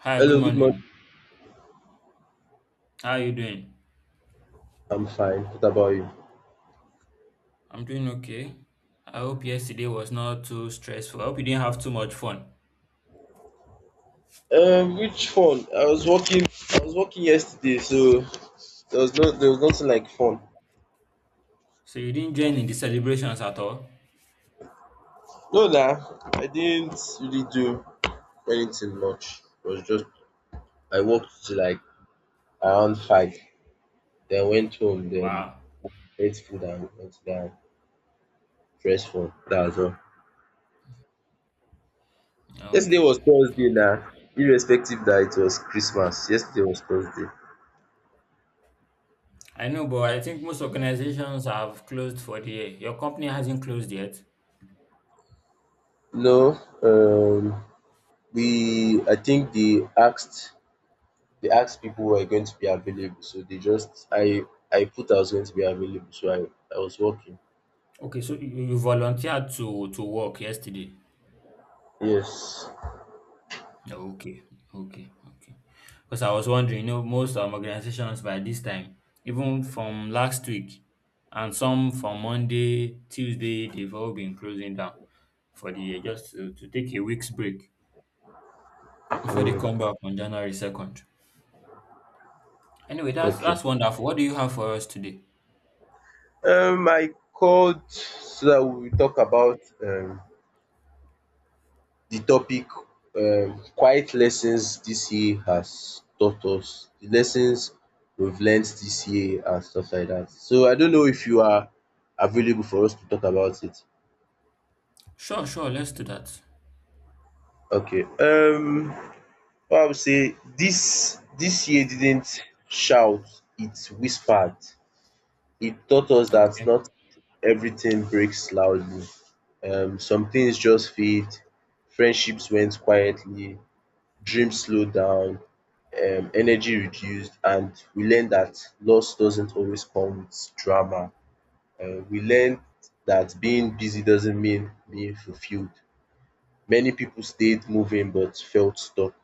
Hi, good Hello, good morning. morning. How are you doing? I'm fine. What about you? I'm doing okay. I hope yesterday was not too stressful. I hope you didn't have too much fun. Which fun? I was working. I was working yesterday, so there was nothing like fun. So you didn't join in the celebrations at all? No, nah, I didn't really do anything much. It was just I worked till like around five, then went home, then Wow. ate food and went down, dressed for that was all. Yesterday Okay. was Thursday, Okay. nah. Irrespective that it was Christmas, yesterday was Thursday. I know, but I think most organizations have closed for the year. Your company hasn't closed yet. No, we I think they asked people who are going to be available. So they just I put I was going to be available. So I was working. Okay, so you volunteered to work yesterday. Yes. Yeah, okay, okay, okay. Because I was wondering, you know, most organizations by this time, even from last week, and some from Monday, Tuesday, they've all been closing down for the year just to take a week's break before they Mm, come back on January 2nd. Anyway, that's okay. that's wonderful. What do you have for us today? I called so that we will talk about the topic quiet lessons this year has taught us. The lessons we've learned this year and stuff like that. So I don't know if you are available for us to talk about it. Sure, sure, let's do that. Okay. Well, I would say this year didn't shout, it whispered. It taught us that Okay, not everything breaks loudly. Some things just fade, friendships went quietly, dreams slowed down, energy reduced, and we learned that loss doesn't always come with drama. We learned that being busy doesn't mean being fulfilled. Many people stayed moving but felt stuck.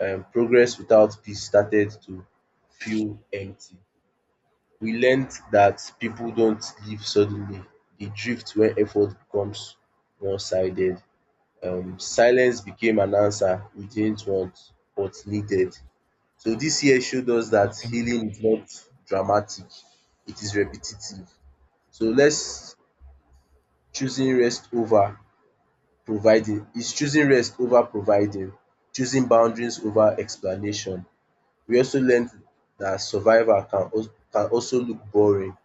Progress without peace started to feel empty. We learned that people don't leave suddenly, they drift when effort becomes one sided. Silence became an answer we didn't want but needed. So this year showed us that okay, healing is not dramatic, it is repetitive. So, let's choosing rest over providing is choosing rest over providing, choosing boundaries over explanation. We also learned that survival can also look boring.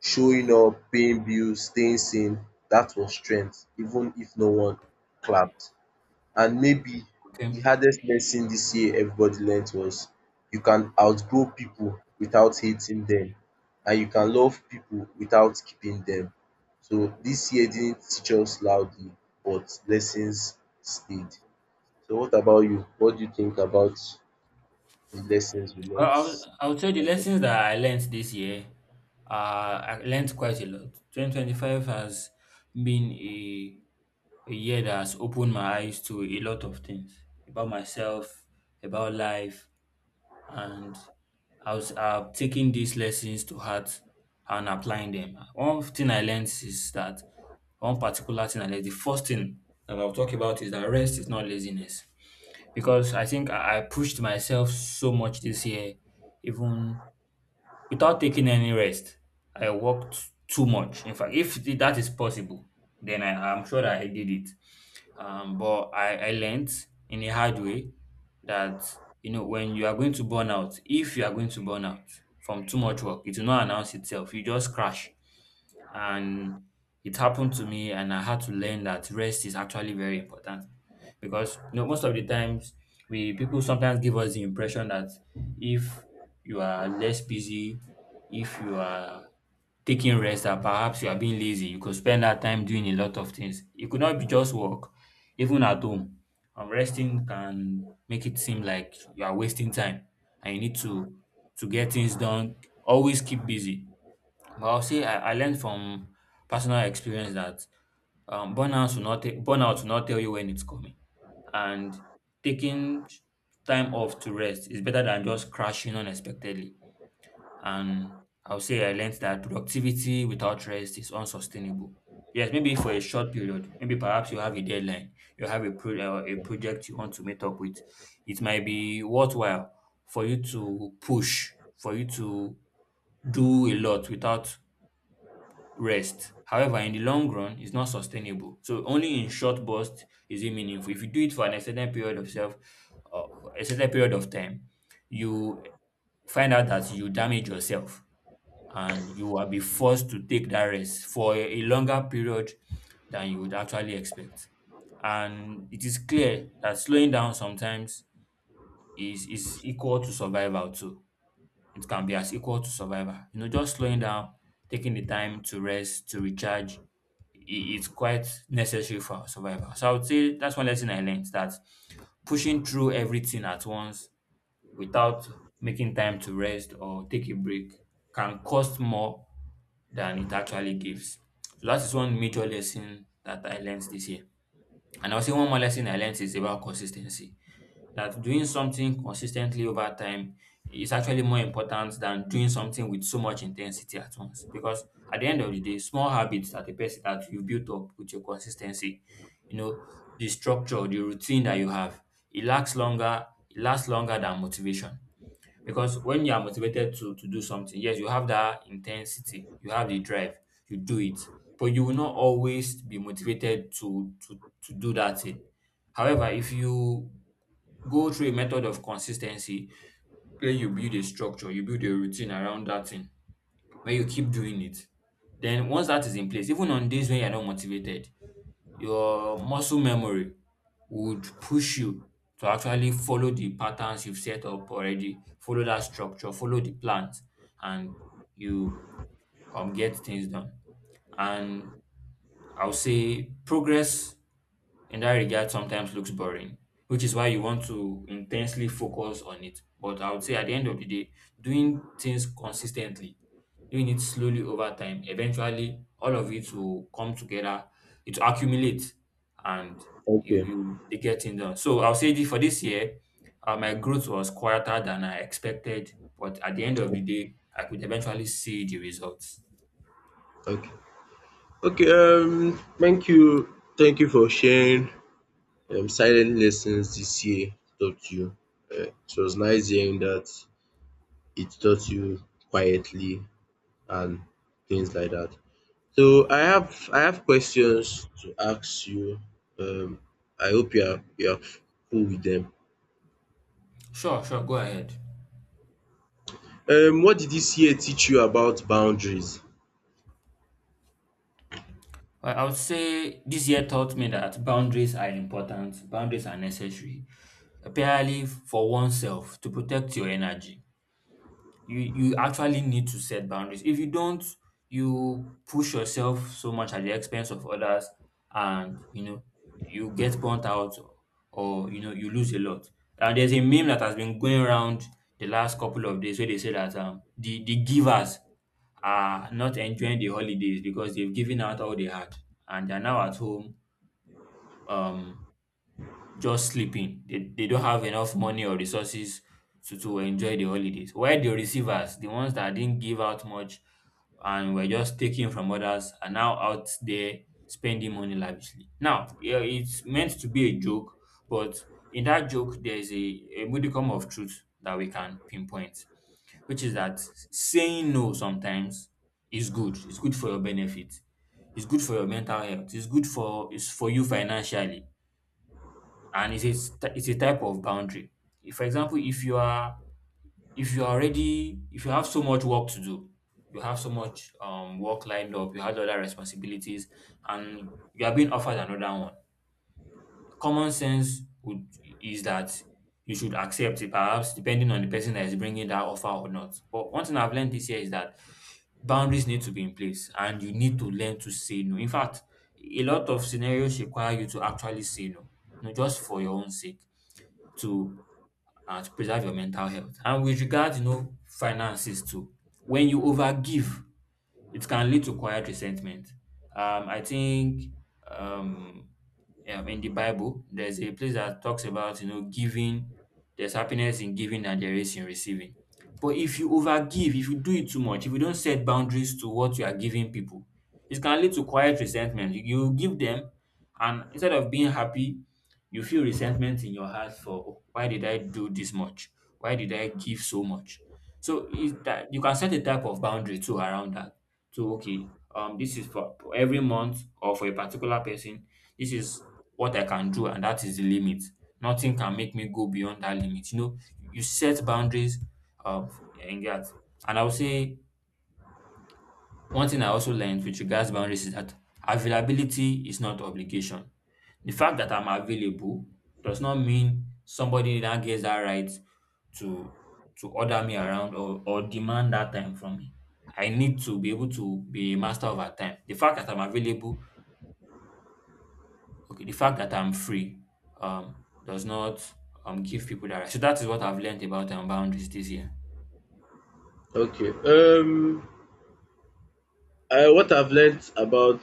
Showing up, paying bills, staying sane, that was strength even if no one clapped. And maybe the okay. hardest lesson this year everybody learnt was you can outgrow people without hating them, and you can love people without keeping them. So this year didn't teach us loudly, but lessons stayed. So what about you? What do you think about the lessons we Well, learnt? I'll tell you the lessons that I learned this year. I learned quite a lot. 2025 has been a year that has opened my eyes to a lot of things about myself, about life, and I was taking these lessons to heart and applying them. One thing I learned is that one particular thing I learned, the first thing that I'll talk about is that rest is not laziness because I think I pushed myself so much this year, even without taking any rest. I worked too much. In fact, if th- that is possible, then I'm sure that I did it. But I learned in a hard way that you know when you are going to burn out, if you are going to burn out from too much work, it will not announce itself. You just crash. And it happened to me, and I had to learn that rest is actually very important because you know most of the times we people sometimes give us the impression that if you are less busy, if you are taking rest, that perhaps you are being lazy. You could spend that time doing a lot of things. It could not be just work, even at home. Resting can make it seem like you are wasting time, and you need to get things done. Always keep busy but I'll say I learned from personal experience that burnout will not tell you when it's coming, and taking time off to rest is better than just crashing unexpectedly. And I'll say I learned that productivity without rest is unsustainable. Yes, maybe for a short period, maybe perhaps you have a deadline, you have a project you want to meet up with. It might be worthwhile for you to push, for you to do a lot without rest. However, in the long run, it's not sustainable. So only in short bursts is it meaningful. If you do it for an uh, extended period of time, you find out that you damage yourself and you will be forced to take that rest for a longer period than you would actually expect. And it is clear that slowing down sometimes is equal to survival too, it can be as equal to survival. You know, just slowing down, taking the time to rest, to recharge, it's quite necessary for our survival. So I would say that's one lesson I learned that pushing through everything at once without making time to rest or take a break can cost more than it actually gives. So that is one major lesson that I learned this year. And I'll say one more lesson I learned is about consistency that doing something consistently over time is actually more important than doing something with so much intensity at once. Because at the end of the day, small habits that a person that you've built up with your consistency, you know, the structure, the routine that you have, it lasts longer than motivation. Because when you are motivated to do something, yes, you have that intensity, you have the drive, you do it, but you will not always be motivated to do that thing. However, if you go through a method of consistency, where you build a structure, you build a routine around that thing where you keep doing it. Then once that is in place, even on days when you're not motivated, your muscle memory would push you to actually follow the patterns you've set up already, follow that structure, follow the plans, and you get things done. And I'll say progress in that regard sometimes looks boring, which is why you want to intensely focus on it. But I would say at the end of the day, doing things consistently, doing it slowly over time, eventually all of it will come together, it will accumulate and you Okay. you they get things done. So I'll say this for this year, my growth was quieter than I expected, but at the end of the day, I could eventually see the results. Okay. Okay, thank you. Thank you for sharing silent lessons this year taught you. It was nice hearing that it taught you quietly and things like that. So I have questions to ask you. Um, I hope you are cool with them. Sure, sure, go ahead. What did this year teach you about boundaries? I would say this year taught me that boundaries are important, boundaries are necessary, apparently for oneself to protect your energy. You actually need to set boundaries. If you don't, you push yourself so much at the expense of others, and you know you get burnt out, or you know you lose a lot. And there's a meme that has been going around the last couple of days where they say that the givers are not enjoying the holidays because they've given out all they had and they're now at home um just sleeping. They don't have enough money or resources to enjoy the holidays. While the receivers, the ones that didn't give out much and were just taking from others, are now out there spending money lavishly. Now, yeah, it's meant to be a joke, but in that joke, there's a modicum of truth that we can pinpoint, which is that saying no sometimes is good. It's good for your benefit. It's good for your mental health. It's good for it's for you financially, and it's a type of boundary. If, for example, if you have so much work to do, you have so much work lined up, you have other responsibilities, and you are being offered another one. Common sense would is that you should accept it, perhaps depending on the person that is bringing that offer or not. But one thing I've learned this year is that boundaries need to be in place, and you need to learn to say no. In fact, a lot of scenarios require you to actually say no, not just for your own sake to to preserve your mental health. And with regards, you know, finances too, when you overgive it can lead to quiet resentment. I think um, in the Bible, there's a place that talks about, you know, giving, there's happiness in giving and there is in receiving. But if you overgive, if you do it too much, if you don't set boundaries to what you are giving people, it can lead to quiet resentment. You give them, and instead of being happy, you feel resentment in your heart for "Oh, why did I do this much? Why did I give so much?" So is that you can set a type of boundary too around that to okay, this is for every month or for a particular person, this is what I can do and that is the limit. Nothing can make me go beyond that limit. You know, you set boundaries of in that. And I would say one thing I also learned with regards boundaries is that availability is not obligation. The fact that I'm available does not mean somebody that gets that right to order me around or demand that time from me. I need to be able to be a master of our time. The fact that I'm available, okay, the fact that I'm free, um, does not give people that right. So that is what I've learned about boundaries this year. Okay. What I've learnt about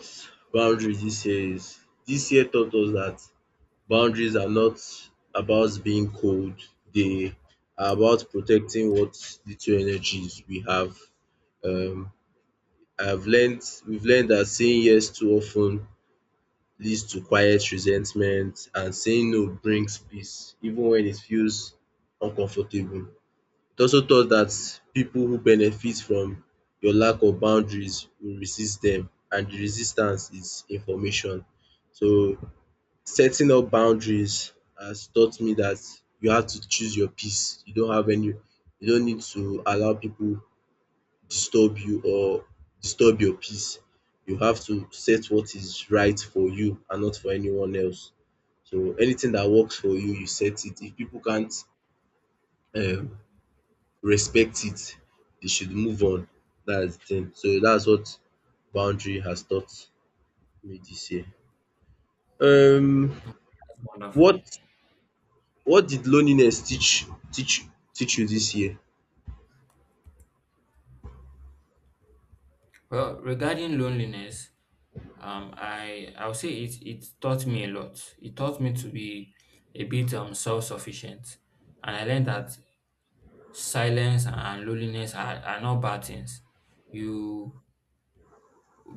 boundaries this year is this year taught us that boundaries are not about being cold, they are about protecting what little energies we have. Um, we've learned that saying yes too often leads to quiet resentment, and saying no brings peace, even when it feels uncomfortable. It also taught that people who benefit from your lack of boundaries will resist them, and the resistance is information. So setting up boundaries has taught me that you have to choose your peace. You don't need to allow people disturb you or disturb your peace. You have to set what is right for you and not for anyone else. So anything that works for you, you set it. If people can't um respect it, they should move on. That's the thing. So that's what boundary has taught me this year. Um That's wonderful. what What did loneliness teach teach you this year? Well, regarding loneliness, I would say it taught me a lot. It taught me to be a bit self sufficient, and I learned that silence and loneliness are not bad things. You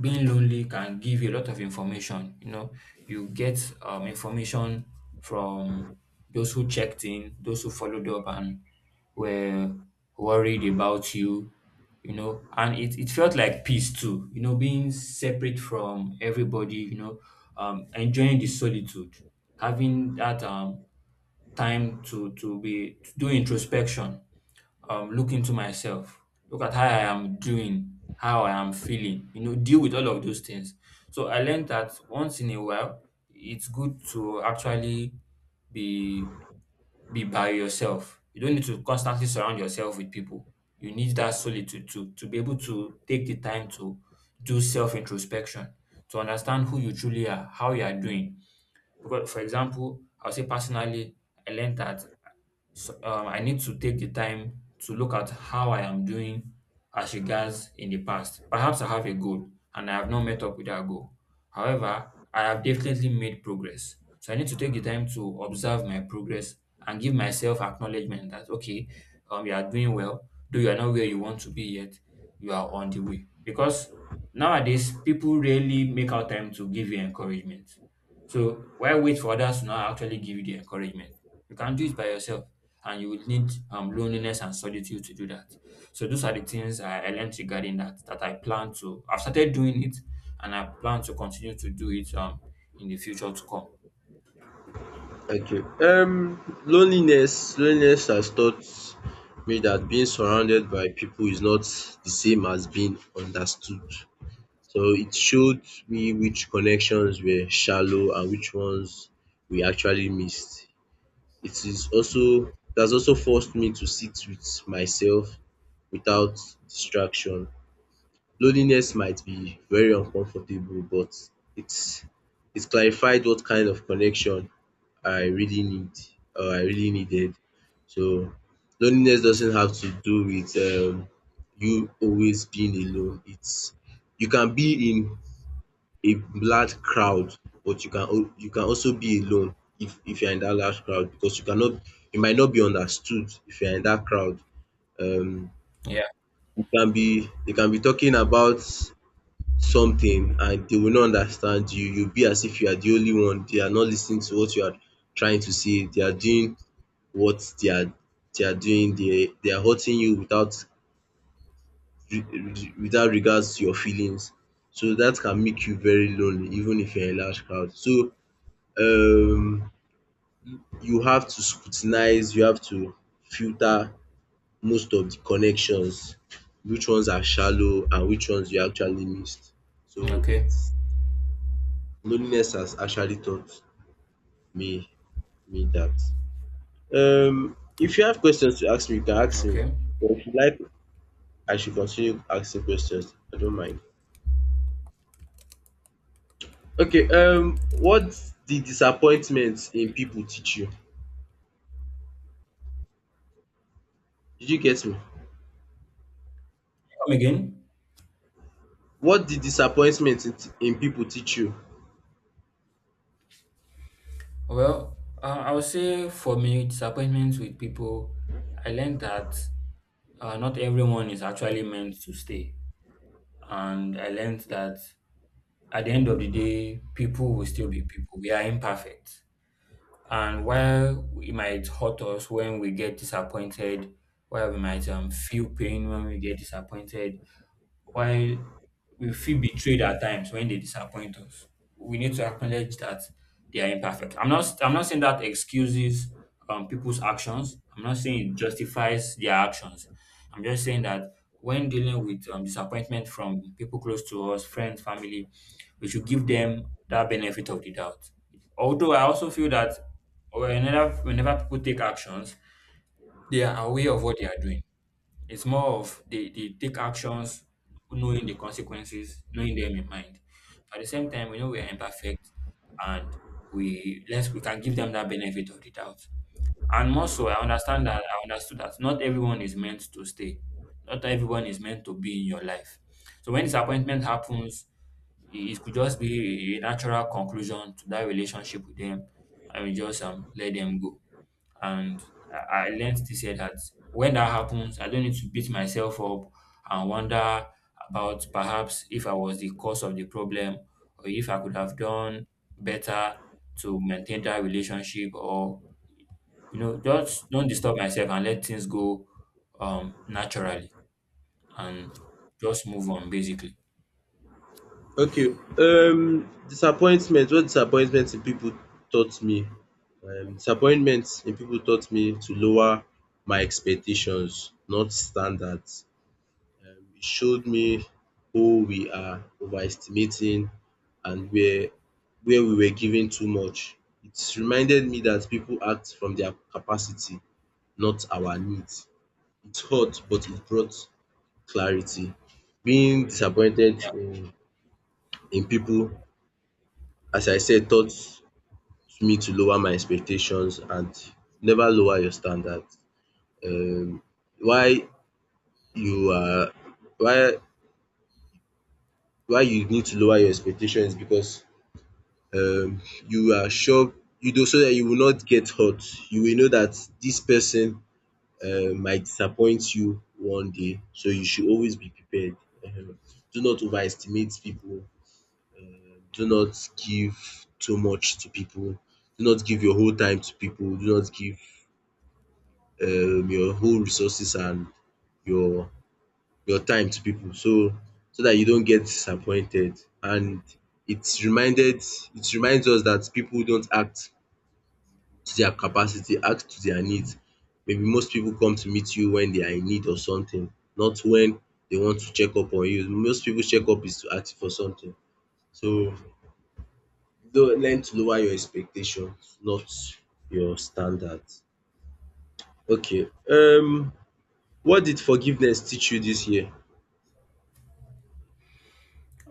being lonely can give you a lot of information. You know, you get information from those who checked in, those who followed up and were worried about you, you know, and it felt like peace too, you know, being separate from everybody, you know, enjoying the solitude, having that time to do introspection, look into myself, look at how I am doing, how I am feeling, you know, deal with all of those things. So I learned that once in a while, it's good to actually be be by yourself. You don't need to constantly surround yourself with people. You need that solitude to be able to take the time to do self introspection, to understand who you truly are, how you are doing. Because, for example, I'll say personally, I learned that I need to take the time to look at how I am doing as regards in the past. Perhaps I have a goal and I have not met up with that goal. However, I have definitely made progress. So I need to take the time to observe my progress and give myself acknowledgement that okay, you are doing well, though you are not where you want to be yet, you are on the way. Because nowadays people really make out time to give you encouragement. So why wait for others to now actually give you the encouragement? You can do it by yourself and you will need loneliness and solitude to do that. So those are the things I learned regarding that I plan to I've started doing it and I plan to continue to do it in the future to come. Okay, um, loneliness has taught me that being surrounded by people is not the same as being understood. So it showed me which connections were shallow and which ones we actually missed. It has also forced me to sit with myself without distraction. Loneliness might be very uncomfortable, but it's it clarified what kind of connection I really need or I really needed. So loneliness doesn't have to do with you always being alone. It's you can be in a large crowd, but you can also be alone if you are in that large crowd because you might not be understood if you are in that crowd. Um Yeah. you can be, they can be talking about something and they will not understand you. You'll be as if you are the only one. They are not listening to what you are trying to say. What they are they are doing. They are hurting you without re- without regards to your feelings. So that can make you very lonely even if you're in a large crowd. So um you have to scrutinize, you have to filter most of the connections, which ones are shallow and which ones you actually missed. So Okay. it's loneliness has actually taught me me that. If you have questions to ask me, you can ask me. Okay. Come But if you like, I should continue asking questions. I don't mind. Okay, what did disappointment in people teach you? Did you get me? again. What did disappointment in people teach you? Well, I would say for me, disappointments with people, I learned that not everyone is actually meant to stay. And I learned that at the end of the day, people will still be people. We are imperfect. And while it might hurt us when we get disappointed, while we might feel pain when we get disappointed, while we feel betrayed at times when they disappoint us, we need to acknowledge that they are imperfect. I'm not saying that excuses people's actions. I'm not saying it justifies their actions. I'm just saying that when dealing with disappointment from people close to us, friends, family, we should give them that benefit of the doubt. Although I also feel that whenever people take actions, they are aware of what they are doing. It's more of they take actions knowing the consequences, knowing them in mind. At the same time, we know we are imperfect and we let's we can give them that benefit of the doubt. And more so, I understood that not everyone is meant to stay. Not everyone is meant to be in your life. So when disappointment happens, it could just be a natural conclusion to that relationship with them and we just let them go. And I learned this year that when that happens, I don't need to beat myself up and wonder about perhaps if I was the cause of the problem or if I could have done better to maintain that relationship or you know just don't disturb myself and let things go naturally and just move on basically. Okay, disappointment in people taught me? Disappointment in people taught me to lower my expectations, not standards. It showed me who we are overestimating and where we were giving too much. It reminded me that people act from their capacity, not our needs. It hurt, but it brought clarity. Being disappointed in people, as I said, taught me to lower my expectations and never lower your standards. Um why you are why why you need to lower your expectations is because um you are sure you do so that you will not get hurt. You will know that this person might disappoint you one day. So you should always be prepared. um Do not overestimate people. Do not give too much to people. Do not give your whole time to people. Do not give your whole resources and your your time to people so that you don't get disappointed, and it's reminded it reminds us that people don't act to their capacity, act to their needs. Maybe most people come to meet you when they are in need of something, not when they want to check up on you. Most people check up is to ask for something. So don't learn to lower your expectation, not your standards. Okay, um, what did forgiveness teach you this year?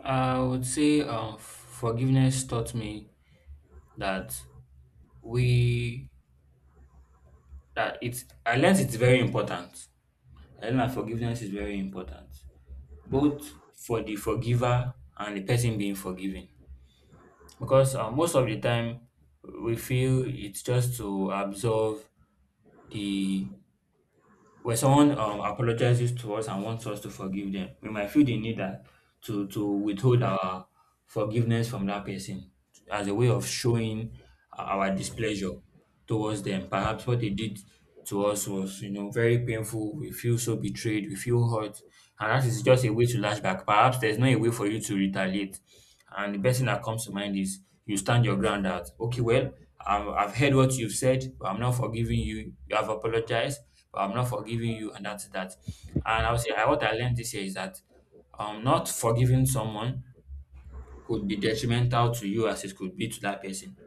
I would say forgiveness taught me that we that it's I learned it's very important I learned that forgiveness is very important, both for the forgiver and the person being forgiven. Because most of the time, we feel it's just to absolve the when someone apologizes to us and wants us to forgive them, we might feel the need that to withhold our forgiveness from that person as a way of showing our displeasure towards them. Perhaps what they did to us was, you know, very painful. We feel so betrayed. We feel hurt, and that is just a way to lash back. Perhaps there's no a way for you to retaliate. And the best thing that comes to mind is you stand your ground that, okay, well, I've heard what you've said, but I'm not forgiving you. You have apologized, but I'm not forgiving you, and that's that. And I would say I, what I learned this year is that not forgiving someone could be detrimental to you as it could be to that person.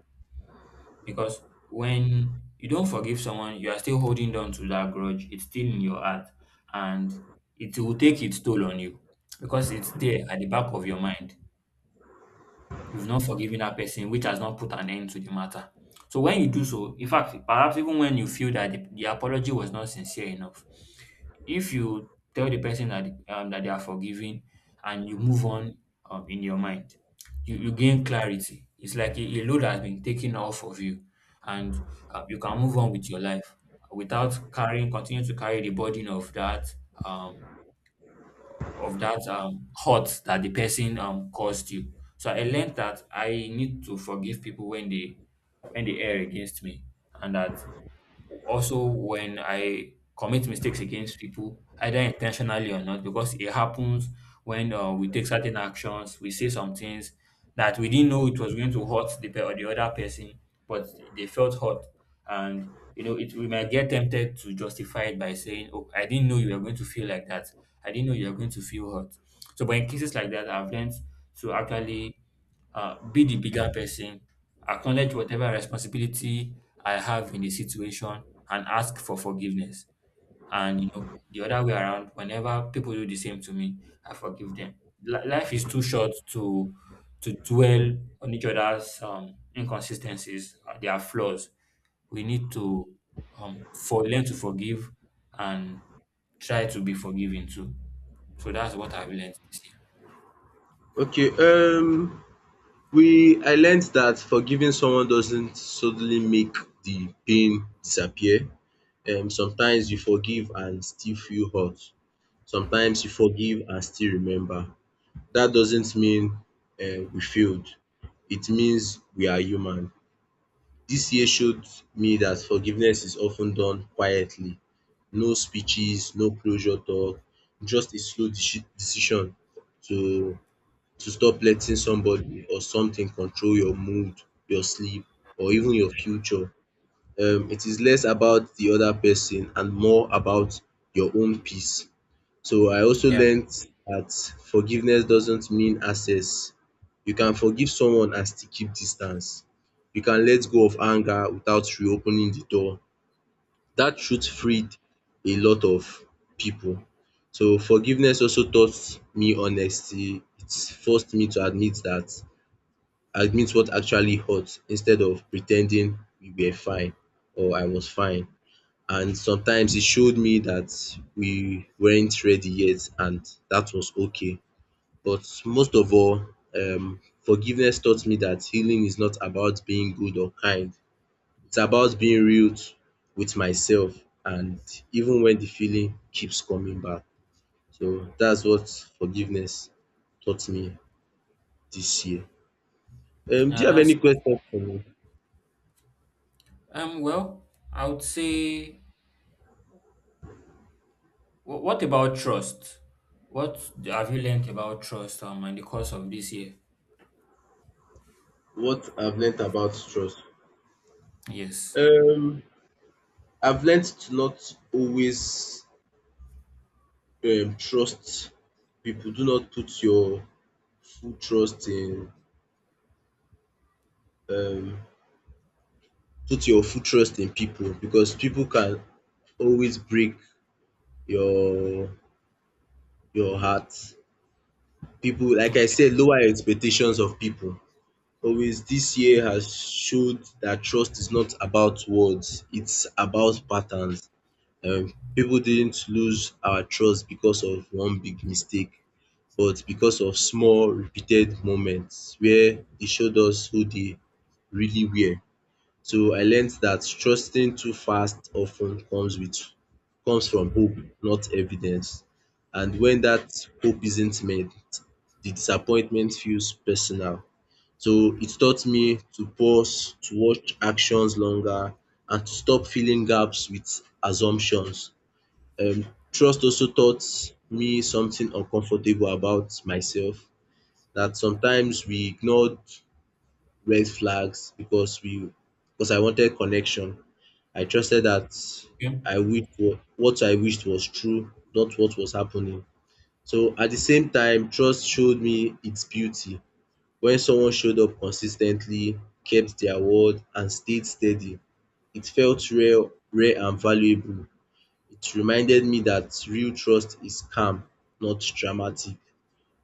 Because when you don't forgive someone, you are still holding on to that grudge. It's still in your heart, and it will take its toll on you because it's there at the back of your mind. You've not forgiven that person, which has not put an end to the matter. So when you do so, in fact, perhaps even when you feel that the apology was not sincere enough, if you tell the person that that they are forgiving and you move on in your mind, you gain clarity. It's like a load has been taken off of you, and you can move on with your life without carrying, continue to carry the burden um, of that hurt that the person caused you. So I learned that I need to forgive people when they err against me, and that also, when I commit mistakes against people, either intentionally or not, because it happens when we take certain actions, we say some things that we didn't know it was going to hurt the pe- or the other person, but they felt hurt, and you know, it we might get tempted to justify it by saying, "Oh, I didn't know you were going to feel like that. I didn't know you were going to feel hurt." So, but in cases like that, I've learned to actually be the bigger person. Acknowledge whatever responsibility I have in the situation and ask for forgiveness. And you know, the other way around, whenever people do the same to me, I forgive them. Life is too short to dwell on each other's inconsistencies, their flaws. We need to for learn to forgive and try to be forgiving too. So that's what I've learned this year. Okay, um, we I learned that forgiving someone doesn't suddenly make the pain disappear. Sometimes you forgive and still feel hurt. Sometimes you forgive and still remember. That doesn't mean we failed. It means we are human. This year showed me that forgiveness is often done quietly. No speeches, no closure talk, just a slow decision to to stop letting somebody or something control your mood, your sleep, or even your future. It is less about the other person and more about your own peace. So I also Yeah. learnt that forgiveness doesn't mean access. You can forgive someone and still keep distance. You can let go of anger without reopening the door. That truth freed a lot of people. So forgiveness also taught me honesty. It forced me to admit what actually hurt instead of pretending we were fine or I was fine, and sometimes it showed me that we weren't ready yet and that was okay. But most of all, forgiveness taught me that healing is not about being good or kind. It's about being real with myself, and even when the feeling keeps coming back. So that's what forgiveness taught me this year. Do Yeah, you have any that's questions for me? Well, I would say what about trust? What have you learned about trust in the course of this year? What I've learnt about trust? Yes. Um, I've learnt to not always trust people. Do not put your full trust in um people, because people can always break your your heart. People, like I Okay. said, lower expectations of people. Always this year has showed that trust is not about words, it's about patterns. Pipu didn't lose our trust because of one big mistake, but because of small repeated moments where they showed us who they really were. So I learned that trusting too fast often comes with comes from hope, not evidence. And when that hope isn't met, the disappointment feels personal. So it taught me to pause, to watch actions longer, and to stop filling gaps with assumptions. um Trust also taught me something uncomfortable about myself, that sometimes we ignored red flags because we because I wanted connection. I trusted that I what I wished was true, not what was happening. So at the same time, trust showed me its beauty. When someone showed up consistently, kept their word and stayed steady, it felt rare and valuable. It reminded me that real trust is calm, not dramatic.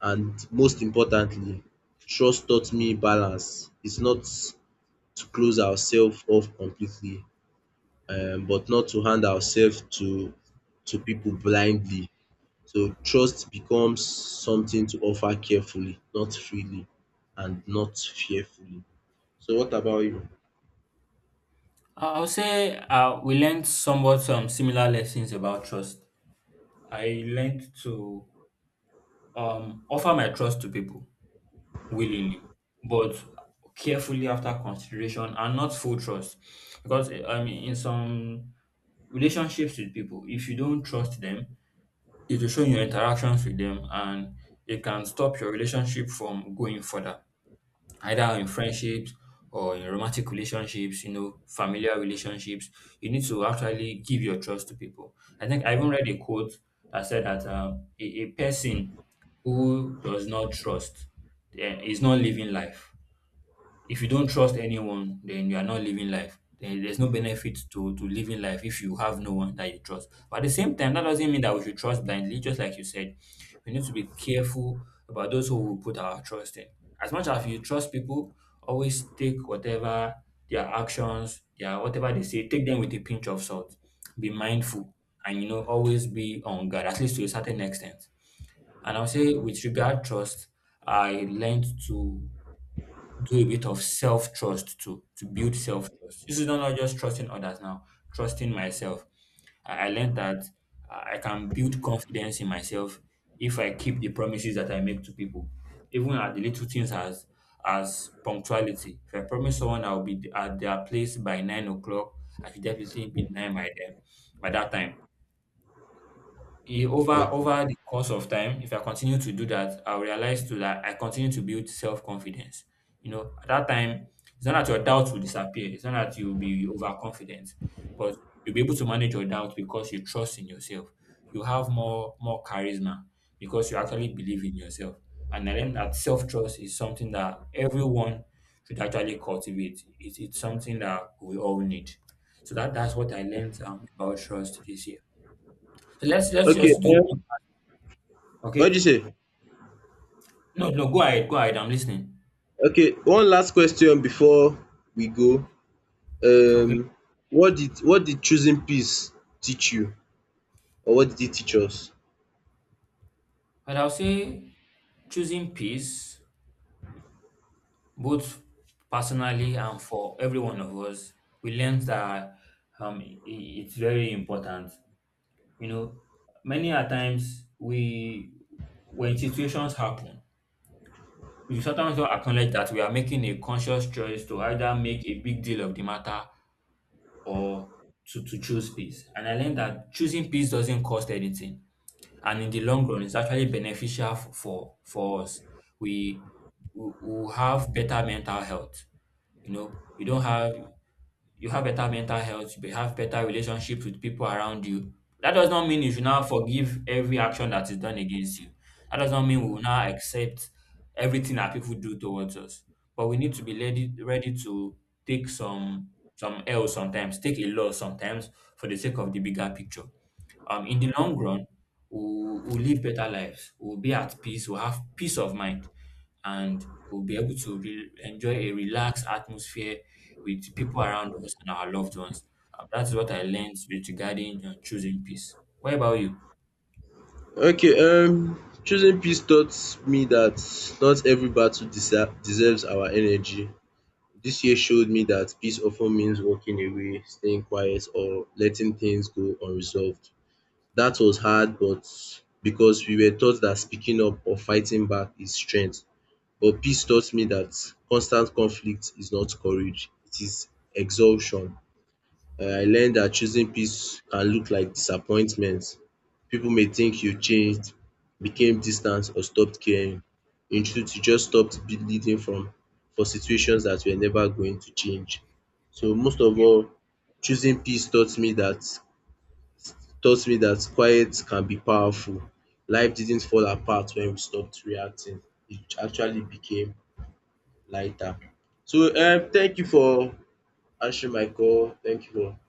And most importantly, trust taught me balance. It's not to close ourselves off completely, but not to hand ourselves to people blindly. So trust becomes something to offer carefully, not freely, and not fearfully. So what about you? I would say we learned somewhat similar lessons about trust. I learned to offer my trust to people willingly, but carefully after consideration and not full trust. Because I mean, in some relationships with people, if you don't trust them, it will show your interactions with them and it can stop your relationship from going further, either in friendships or in romantic relationships, you know, familiar relationships. You need to actually give your trust to people. I think I even read a quote that said that a person who does not trust is not living life if you don't trust anyone, then you are not living life. Then there's no benefit to living life if you have no one that you trust. But at the same time, that doesn't mean that we should trust blindly. Just like you said, we need to be careful about those who we put our trust in. As much as you trust people, always take whatever their actions, their whatever they say, take them with a pinch of salt. Be mindful and you know always be on guard, at least to a certain extent. And I'll say with regard trust, I learned to do a bit of self trust too, to build self trust. This is not just trusting others now, trusting myself. I learned that I can build confidence in myself if I keep the promises that I make to people, even at the little things as punctuality. If I promise someone I'll be at their place by 9 o'clock, I should definitely be nine by them by that time e over Okay. over the course of time, if I continue to do that, I'll realize too that I continue to build self-confidence. You know, at that time, it's not that your doubts will disappear. It's not that you'll be overconfident, but you'll be able to manage your doubts because you trust in yourself. You have more charisma because you actually believe in yourself. And I learned that self-trust is something that everyone should actually cultivate. It's something that we all need. So that's what I learned about trust this year. So let's Okay. just do What do you Okay. say? No, no, go ahead. Go ahead. I'm listening. Okay. One last question before we go. um Okay. What did choosing peace teach you, or what did it teach us? But I'll say choosing peace, both personally and for every one of us, we learned that it's very important. You know, many a times we, when situations happen, we sometimes don't acknowledge that we are making a conscious choice to either make a big deal of the matter or to choose peace. And I learned that choosing peace doesn't cost anything. And in the long run, it's actually beneficial for us. We we will have better mental health. You know, you don't have you have better mental health. You have better relationships with people around you. That does not mean you should now forgive every action that is done against you. That does not mean we will now accept everything that people do towards us. But we need to be ready to take some L sometimes, take a loss sometimes for the sake of the bigger picture in the long run, we'll live better lives, we'll be at peace, we'll have peace of mind, and we'll be able to enjoy a relaxed atmosphere with people around us and our loved ones. That is what I learned with regarding choosing peace. What about you? Okay, choosing peace taught me that not every battle deserves our energy. This year showed me that peace often means walking away, staying quiet, or letting things go unresolved. That was hard, but because we were taught that speaking up or fighting back is strength. But peace taught me that constant conflict is not courage, it is exhaustion. I learned that choosing peace can look like disappointment. People may think you changed, became distant or stopped caring. In truth, you just stopped bleeding from for situations that were never going to change. So most of all, choosing peace taught me that quiet can be powerful. Life didn't fall apart when we stopped reacting. It actually became lighter. So um, thank you for answering my call. Thank you for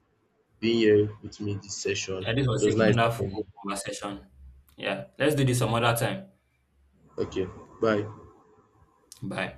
being here with me this session. Yeah, this It was a was nice wonderful having you. conversation. Yeah, let's do this some other time. Okay, bye. Bye.